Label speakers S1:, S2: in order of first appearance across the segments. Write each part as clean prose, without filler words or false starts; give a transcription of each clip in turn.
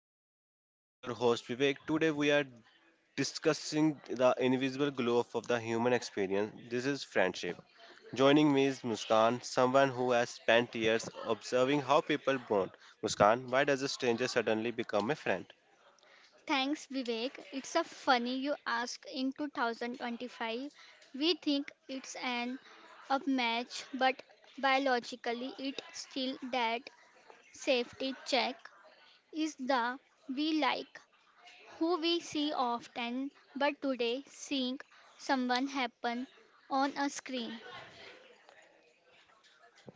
S1: Core Connection. I am your host Vivek. Today we are discussing the invisible glow of the human experience. This is friendship. Joining me is Muskan, someone who has spent years observing how people bond. Muskan, why does a stranger suddenly become a friend?
S2: Thanks, Vivek. It's a funny you ask. In 2025, we think it's an upmatch, but biologically, it's still that safety check is the we like who we see often, but today seeing someone happen on a screen.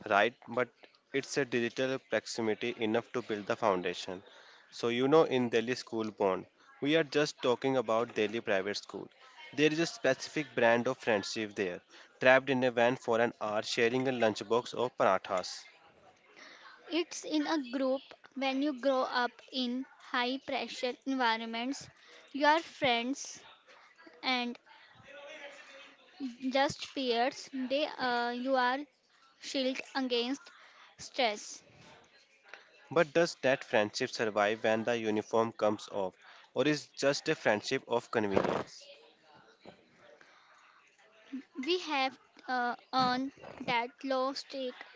S1: Right? But it's a digital proximity enough to build the foundation. So, in Delhi School Bond, we are just talking about Delhi Private School. There is a specific brand of friendship there, trapped in a van for an hour sharing a lunchbox of parathas.
S2: It's in a group when you grow up in high pressure environments, your friends and just peers, they you are shield against stress.
S1: But does that friendship survive when the uniform comes off, or is just a friendship of convenience?
S2: We have on that low stake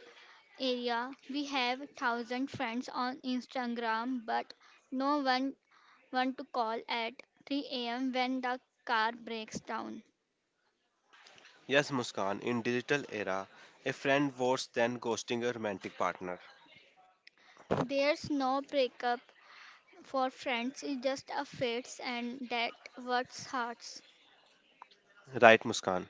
S2: area. We have thousand friends on Instagram, but no one want to call at 3 a.m. when the car breaks down.
S1: Yes, Muskan, in digital era, a friend worse than ghosting a romantic partner.
S2: There's no breakup for friends. It's just a fates, and that what hurts.
S1: Right, Muskan.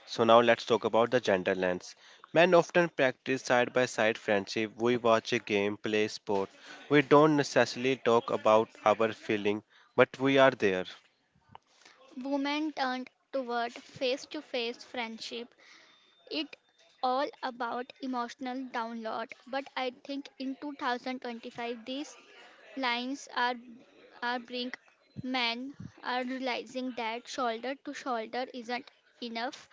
S1: So now let's talk about the gender lens. Men often practice side by side friendship. We watch a game, play sport. We don't necessarily talk about our feeling, but we are there.
S2: Women turned toward face-to-face friendship it all about emotional download, but I think in 2025 these lines are bring men are realizing that shoulder to shoulder isn't enough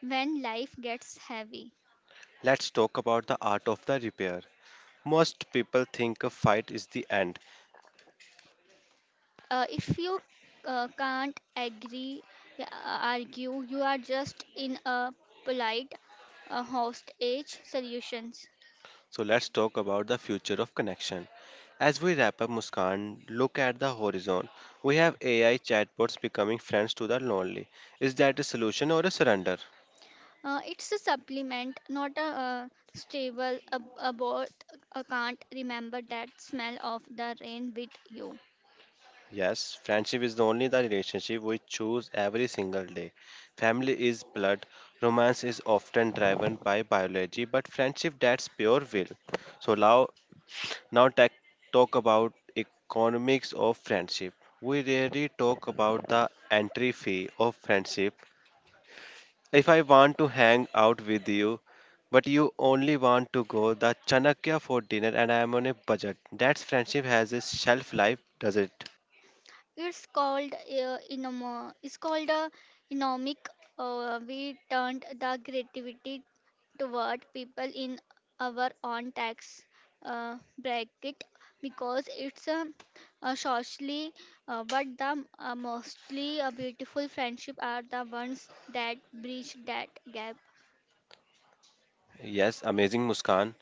S2: when life gets heavy.
S1: Let's talk about the art of the repair. Most people think a fight is the end.
S2: Uh, if you can't agree, uh, argue you are just in a polite hostage solutions.
S1: So let's talk about the future of connection. As we wrap up Muskan, look at the horizon. We have AI chatbots becoming friends to the lonely. Is that a solution or a surrender?
S2: It's a supplement, not a stable. A boat can't remember that smell of the rain with you.
S1: Yes, friendship is the only the relationship we choose every single day. Family is blood, romance is often driven by biology, but friendship that's pure will. So now tech, talk about economics of friendship. We rarely talk about the entry fee of friendship. If I want to hang out with you, but you only want to go the Chanakya for dinner and I am on a budget. That friendship has a shelf life, does it?
S2: It's called It's called a economic. We turned the creativity toward people in our own tax bracket because a socially, but the mostly beautiful friendship are the ones that bridge that gap.
S1: Yes, amazing Muskan.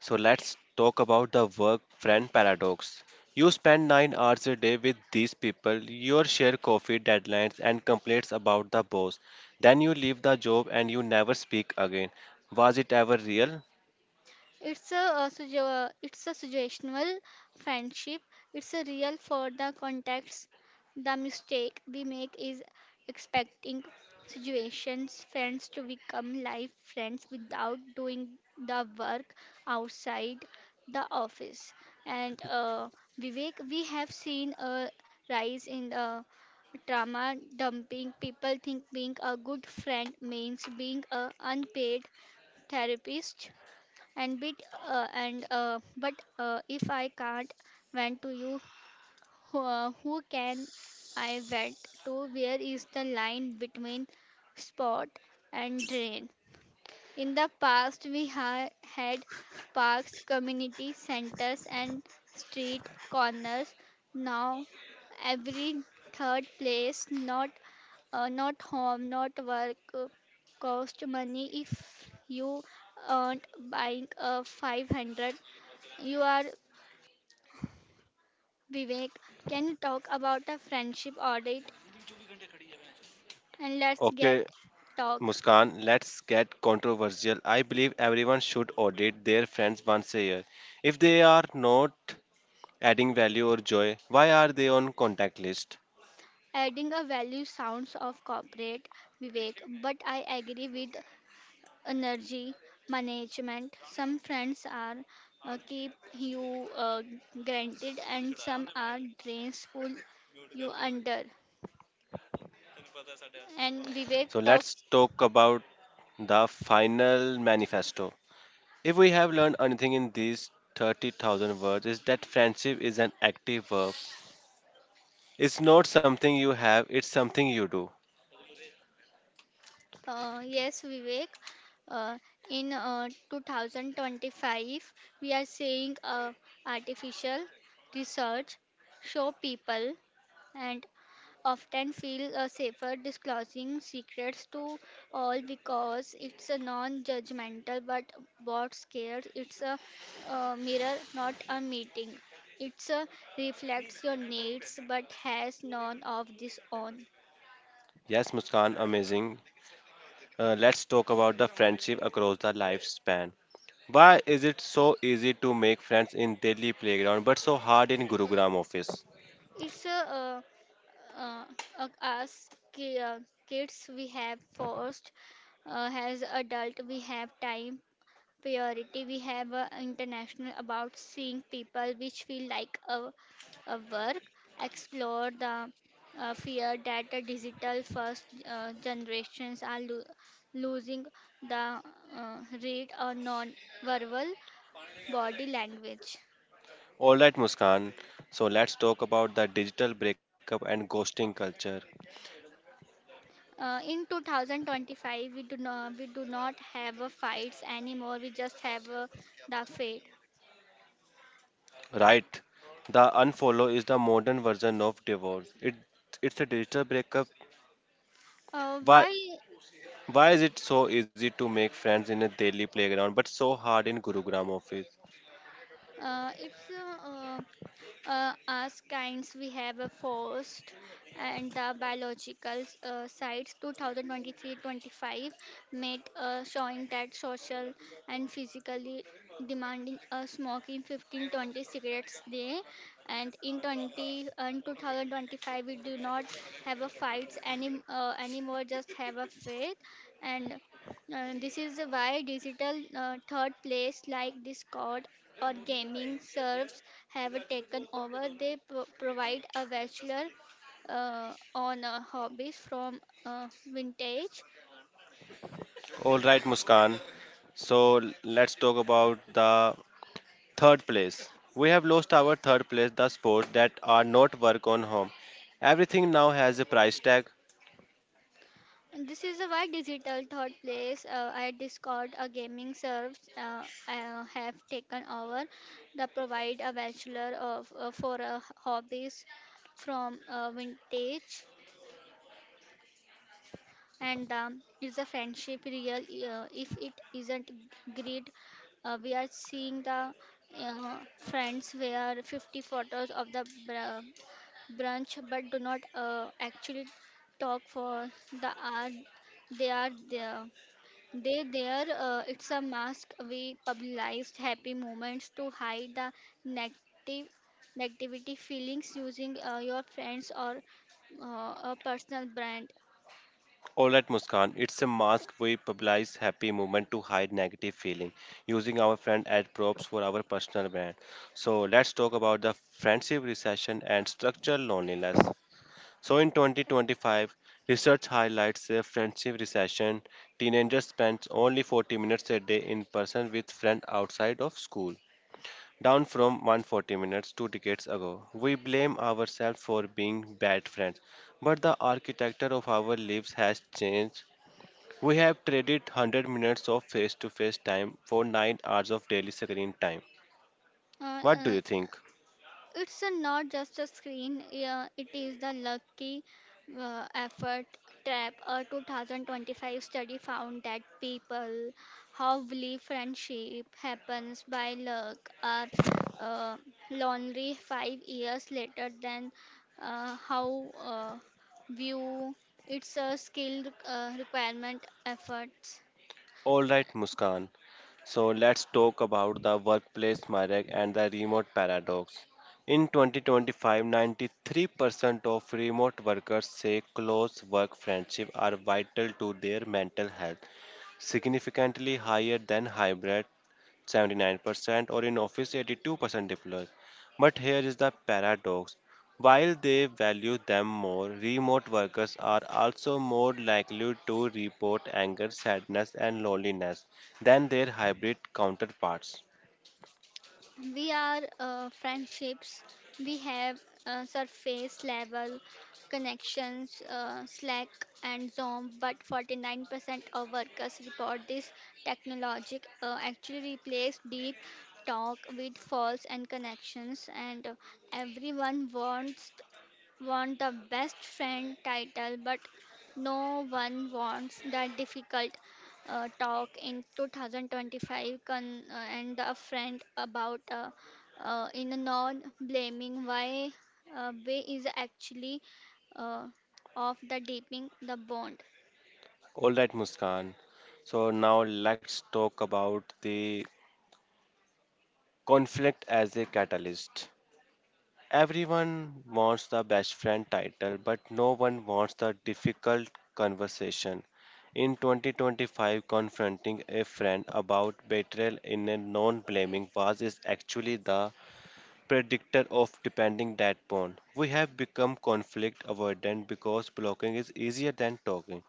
S1: So let's talk about the work friend paradox. You spend 9 hours a day with these people, you share coffee deadlines and complaints about the boss. Then you leave the job and you never speak again. Was it ever real?
S2: It's a suggestional friendship. It's a real for the context. The mistake we make is expecting situations friends to become life friends without doing the work outside the office. And Vivek, we have seen a rise in the trauma dumping. People think being a good friend means being a unpaid therapist and bit and but if I can't vent to you, who can I vent to? Where is the line between spot and drain? In the past had parks, community centers and street corners. Now every third place, not home, not work, cost money. If you aren't buying a 500 you are. Vivek, can you talk about a friendship audit? And let's get
S1: Okay,
S2: talk.
S1: Muskan, let's get controversial. I believe everyone should audit their friends once a year. If they are not adding value or joy, why are they on contact list?
S2: Adding a value sounds of corporate, Vivek, but I agree with energy management. Some friends are keep you granted, and some are drains pull you under. And Vivek
S1: So let's
S2: talks.
S1: talk about the final manifesto. If we have learned anything in these 30,000 words, is that friendship is an active verb. It's not something you have, it's something you do.
S2: Yes, Vivek. Uh, in 2025, we are seeing artificial research show people and often feel safer disclosing secrets to all because it's a non-judgmental. But what scares? It's a mirror, not a meeting. It's a reflects your needs, but has none of this on.
S1: Yes, Muskan, amazing. Let's talk about the friendship across the lifespan. Why is it so easy to make friends in daily playground but so hard in Gurugram office?
S2: It's a uh, as ki- Kids we have first, as adult we have time priority, we have international about seeing people which feel like a work. Explore the fear that the digital first generations are losing the uh, read or non verbal body language.
S1: Alright, Muskan, so let's talk about the digital breakup and ghosting culture.
S2: Uh, in 2025 we do not have fights anymore, we just have the fate.
S1: Right, the unfollow is the modern version of divorce. It's a digital breakup. why
S2: Why
S1: Why is it so easy to make friends in a daily playground but so hard in Gurugram office?
S2: it's As kinds, we have a forest and the biological sites 2023-25 made showing that social and physically demanding smoking 15 20 cigarettes day. And in 20 and 2025 we do not have a fights anymore, just have a faith. And this is why digital third place like Discord or gaming serves have taken over. They provide a bachelor on hobbies from vintage.
S1: All right, Muskan. So let's talk about the third place. We have lost our third place, the sports that are not work on home. Everything now has a price tag.
S2: And this is why digital third place at Discord gaming serves have taken over. They provide a bachelor of for hobbies from vintage. And is the friendship real? If it isn't greed, we are seeing the friends where 50 photos of the brunch but do not actually talk for the hour they are there. They there. It's a mask. We publicized happy moments to hide the negative negativity feelings using your friends or a personal brand.
S1: All right, Muskan. It's a mask we publicize happy moment to hide negative feeling, using our friend as props for our personal brand. So let's talk about the friendship recession and structural loneliness. So in 2025, research highlights a friendship recession. Teenagers spend only 40 minutes a day in person with friends outside of school, down from 140 minutes two decades ago. We blame ourselves for being bad friends, but the architecture of our lives has changed. We have traded 100 minutes of face to face time for 9 hours of daily screen time.
S2: Uh,
S1: What do
S2: uh,
S1: you think?
S2: It's a not just a screen, yeah, it is the lucky effort trap. A 2025 study found that people who believe friendship happens by luck are uh, lonely 5 years later than how uh, view it's a skill requirement efforts.
S1: All right, Muskan. So let's talk about the workplace myriad and the remote paradox. In 2025, 93% of remote workers say close work friendships are vital to their mental health, significantly higher than hybrid 79% or in office 82% deployed. But here is the paradox. While they value them more, remote workers are also more likely to report anger, sadness, and loneliness than their hybrid counterparts.
S2: We are friendships we have surface level connections Slack and Zoom, but 49% of workers report this technology actually replace deep talk with false and connections. And everyone want the best friend title, but no one wants that difficult talk. In 2025 and a friend about in a non blaming why way is actually uh, of the deepening the bond.
S1: All right, Muskan. So now let's talk about the conflict as a catalyst. Everyone wants the best friend title, but no one wants the difficult conversation. In 2025, confronting a friend about betrayal in a non blaming was is actually the predictor of depending that bond. We have become conflict avoidant because blocking is easier than talking.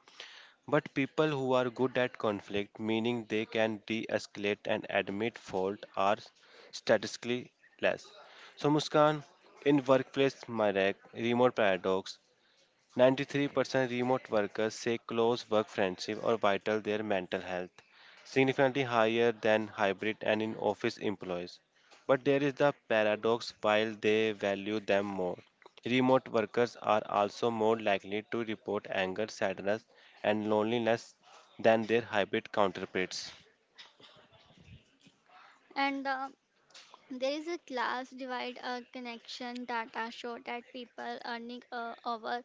S1: But people who are good at conflict, meaning they can de escalate and admit fault, are statistically less. So, Muskan, in workplace Marek, remote paradox, 93% remote workers say close work friendship are vital their mental health, significantly higher than hybrid and in office employees. But there is the paradox while they value them more. Remote workers are also more likely to report anger, sadness, and loneliness than their hybrid counterparts.
S2: And there is a class divide connection data show that people earning over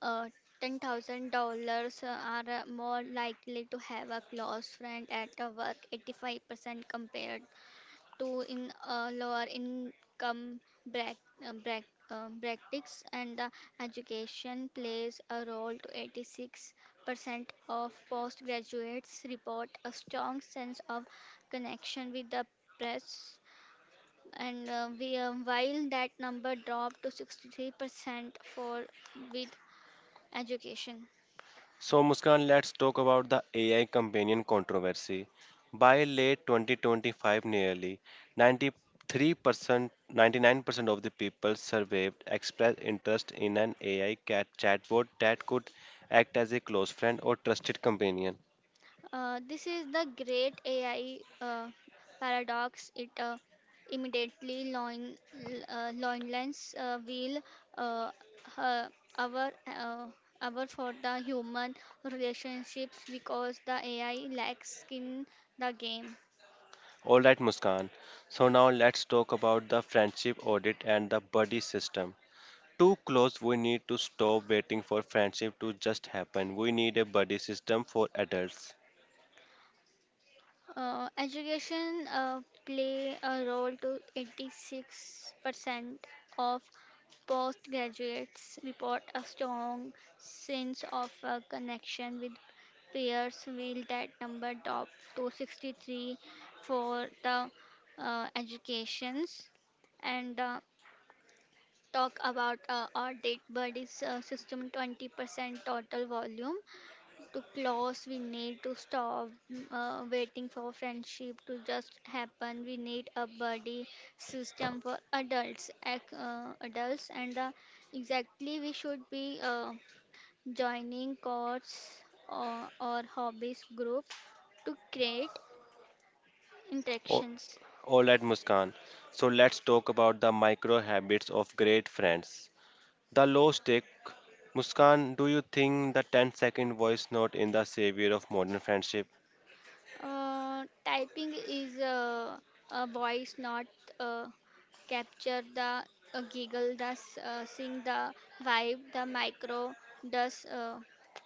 S2: uh, $10,000 are more likely to have a close friend at a work, 85% compared to in lower income brack, uh, brack, brackets, and the education plays a role to 86% of postgraduates report a strong sense of connection with the press. And while that number dropped to 63% for with education.
S1: So, Muskan, let's talk about the AI companion controversy. By late 2025, nearly 93%, 99% of the people surveyed expressed interest in an AI cat chatbot that could act as a close friend or trusted companion.
S2: This is the great AI paradox. It immediately loin, loinlines will uh, uh, our Our for the human relationships because the AI lacks skin the game.
S1: All right, Muskan. So, now let's talk about the friendship audit and the buddy system. Too close, we need to stop waiting for friendship to just happen. We need a buddy system for adults.
S2: Education play a role to 86% of postgraduates report a strong sense of connection with peers, while that number topped to 63 for the educations. And talk about audit buddies system 20% total volume. To close, we need to stop waiting for friendship to just happen. We need a buddy system for adults. And exactly we should be joining courts or hobbies group to create
S1: Oh,
S2: interactions.
S1: all right, Muskan. So let's talk about the micro habits of great friends. The low stake. Muskan, do you think the 10-second voice note in the savior of modern friendship?
S2: Typing is a voice, not uh, capture the giggle, the sing, the vibe, the micro, does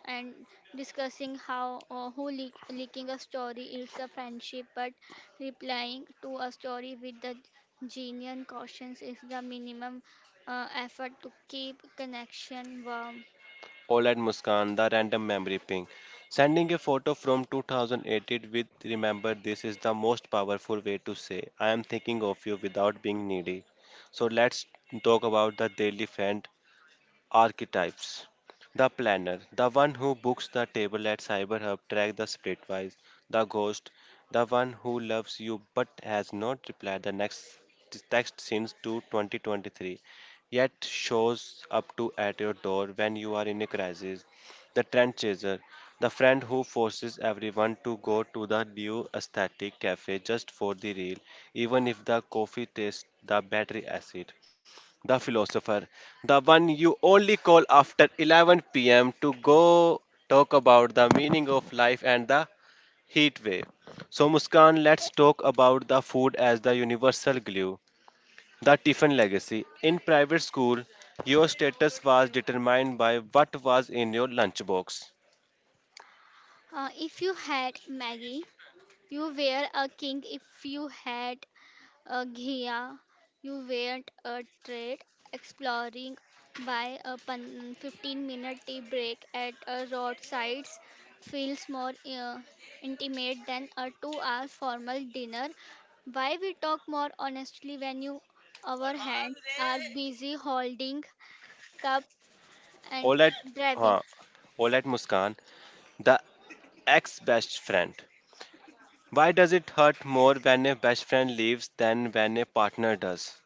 S2: and discussing how leaking a story. It's a friendship, but replying to a story with the genuine cautions is the minimum effort to keep connection warm.
S1: All right, Muskan, the random memory ping. Sending a photo from 2018 with remember this is the most powerful way to say I am thinking of you without being needy. So let's talk about the daily friend archetypes. The planner, the one who books the table at CyberHub, track the splitwise. The ghost, the one who loves you but has not replied the next text since to 2023, yet shows up to at your door when you are in a crisis. The trend chaser, the friend who forces everyone to go to the new aesthetic cafe just for the reel, even if the coffee tastes the battery acid the philosopher, the one you only call after 11 p.m. to go talk about the meaning of life and the heat wave. So, Muskan, let's talk about the food as the universal glue, the Tiffin legacy. In private school, your status was determined by what was in your lunchbox.
S2: If you had Maggie, you were a king. If you had Ghia, you weren't a trade exploring why a 15-minute tea break at a roadside feels more intimate than a 2-hour formal dinner. Why we talk more honestly when you our hands are busy holding cup and
S1: All right,
S2: driving.
S1: huh, all right, Muskan, the ex best friend. Why does it hurt more when a best friend leaves than when a partner does?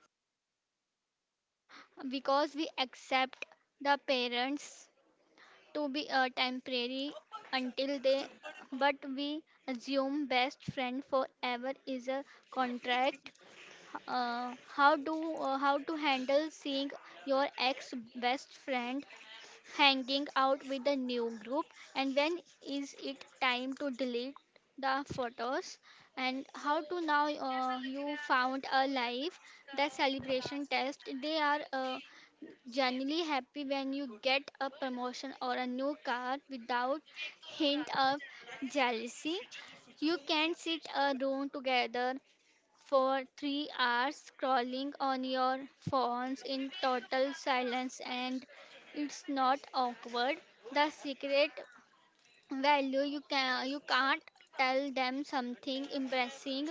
S2: Because we accept the parents to be a temporary until they, but we assume best friend forever is a contract. uh, how do how to handle seeing your ex best friend hanging out with a new group? And when is it time to delete the photos, and how to now you found a life? The celebration test: they are genuinely happy when you get a promotion or a new car without hint of jealousy. You can sit a room together for 3 hours scrolling on your phones in total silence and it's not awkward. The secret value: you can't tell them something embarrassing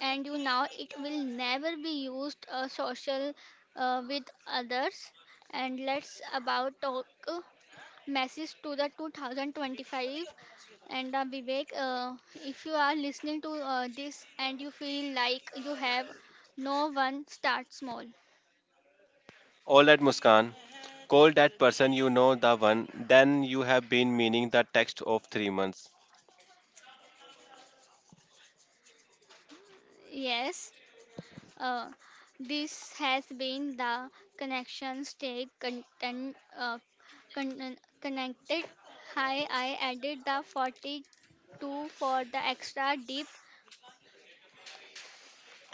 S2: and you know it will never be used social with others. And let's about talk message to the 2025. And Vivek, if you are listening to this and you feel like you have no one, start small.
S1: All right, Muskan. Call that person you know the one, then you have been meaning the text of 3 months.
S2: Yes. Uh, this has been the connection, stay content, connected. Hi, I added the 42 for the extra deep.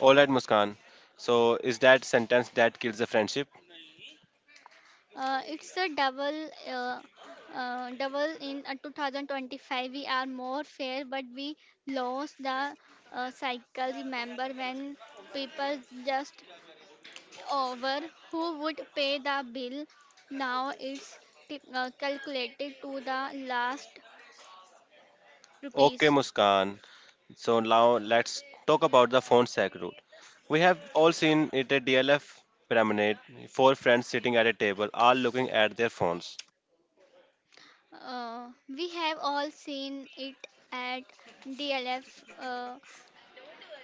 S1: All right, Muskan. So, is that sentence that kills the friendship?
S2: It's a double in 2025. We are more fair, but we lost the cycle. Remember when people just over who would pay the bill. Now it's calculated to the last
S1: Okay,
S2: rupees.
S1: Muskan. So, now let's talk about the phone sack rule. We have all seen it at DLF Promenade. Four friends sitting at a table, all looking at their phones.
S2: We have all seen it at DLF uh,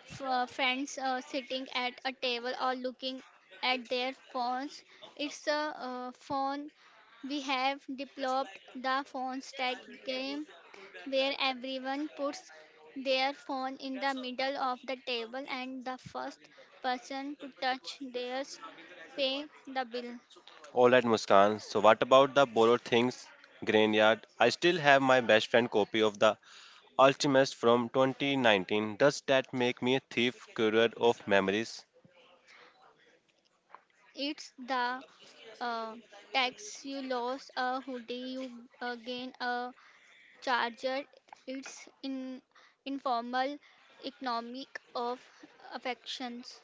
S2: f- uh, friends sitting at a table or looking at their phones. It's a phone. We have developed the phone stack game where everyone puts their phone in the middle of the table and the first person to touch theirs pay the bill.
S1: All right, Muskan. So, what about the borrowed things? Graneyard. I still have my best friend copy of the Ultimus from 2019. Does that make me a thief, courier of memories?
S2: It's the uh, tax: you lose a hoodie, you gain a charger. It's in informal economic of affections.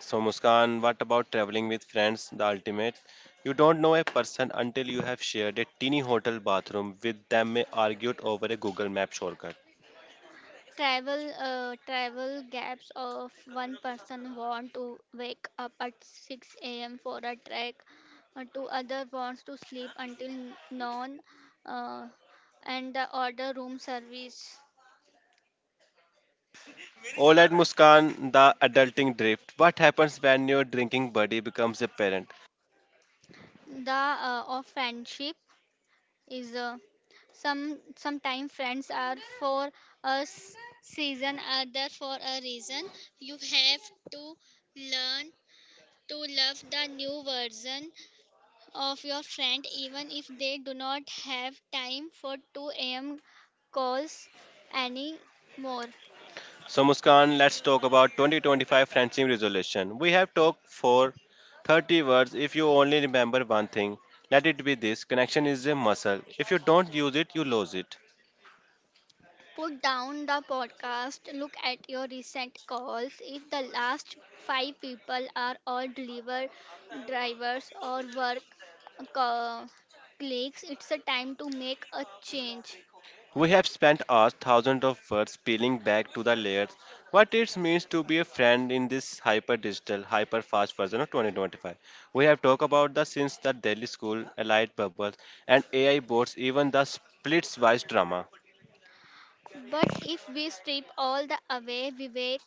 S1: So, Muskan, what about traveling with friends? The ultimate. You don't know a person until you have shared a teeny hotel bathroom with them, may argued over a Google Map shortcut.
S2: Travel gaps of one person want to wake up at 6 a.m. for a trek, two other wants to sleep until noon, uh, and the order room service.
S1: All right, Muskan, the adulting drift. What happens when your drinking buddy becomes a parent?
S2: The of friendship is, sometimes friends are for a season, other for a reason. You have to learn to love the new version of your friend even if they do not have time for 2 a.m. calls anymore.
S1: So Muskan, let's talk about 2025 friendship resolution. We have talked for 30 words. If you only remember one thing, let it be this. Connection is a muscle. If you don't use it, you lose it.
S2: Put down the podcast, look at your recent calls. If the last five people are all deliver drivers or work co- colleagues, it's a time to make a change.
S1: We have spent hours, thousands of words peeling back to the layers what it means to be a friend in this hyper digital, hyper fast version of 2025. We have talked about the since the Delhi school, allied bubbles, and AI boards, even the splits wise drama.
S2: But if we strip all the away, Vivek,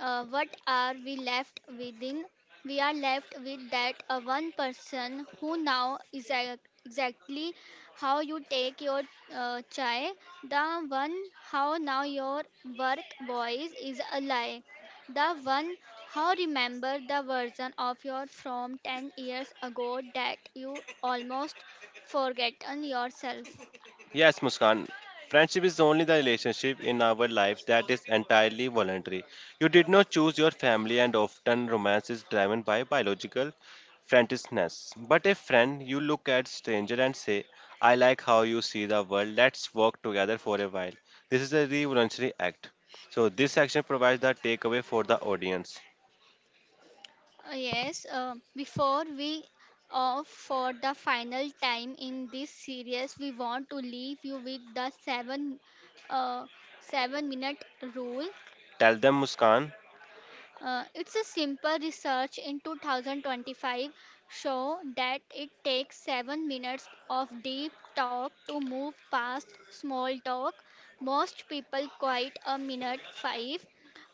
S2: what are we left within? We are left with that one person who now is exactly how you take your chai, the one how now your work voice is alive, the one how remember the version of your from 10 years ago that you almost forgotten yourself.
S1: Yes, Muskan. Friendship is only the relationship in our lives that is entirely voluntary. You did not choose your family, and often romance is driven by biological friendliness. But a friend, you look at stranger and say, "I like how you see the world. Let's work together for a while." This is a revolutionary act. So this section provides the takeaway for the audience.
S2: Yes, before we off for the final time in this series, we want to leave you with the uh, 7 minute rule.
S1: Tell them, Muskan.
S2: It's a simple research in 2025 show that it takes 7 minutes of deep talk to move past small talk. Most people quite a minute 5.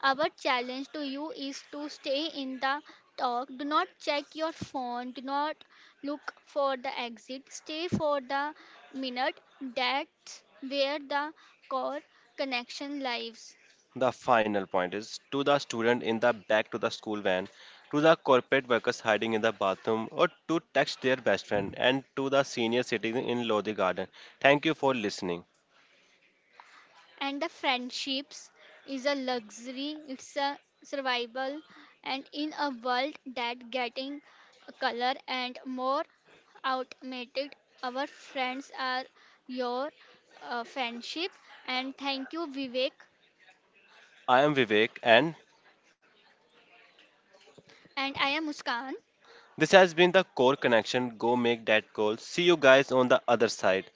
S2: Our challenge to you is to stay in the talk. Do not check your phone. Do not look for the exit. Stay for the minute. That's where the core connection lives.
S1: The final point is to the student in the back to the school van, to the corporate workers hiding in the bathroom, or to text their best friend, and to the senior citizen in Lodi Garden. Thank you for listening.
S2: And the friendships is a luxury, it's a survival. And in a world that getting color and more automated, our friends are your friendship. And thank you, Vivek.
S1: I am Vivek, and
S2: And I am Muskan.
S1: this has been the core connection. Go make that goal. See you guys on the other side.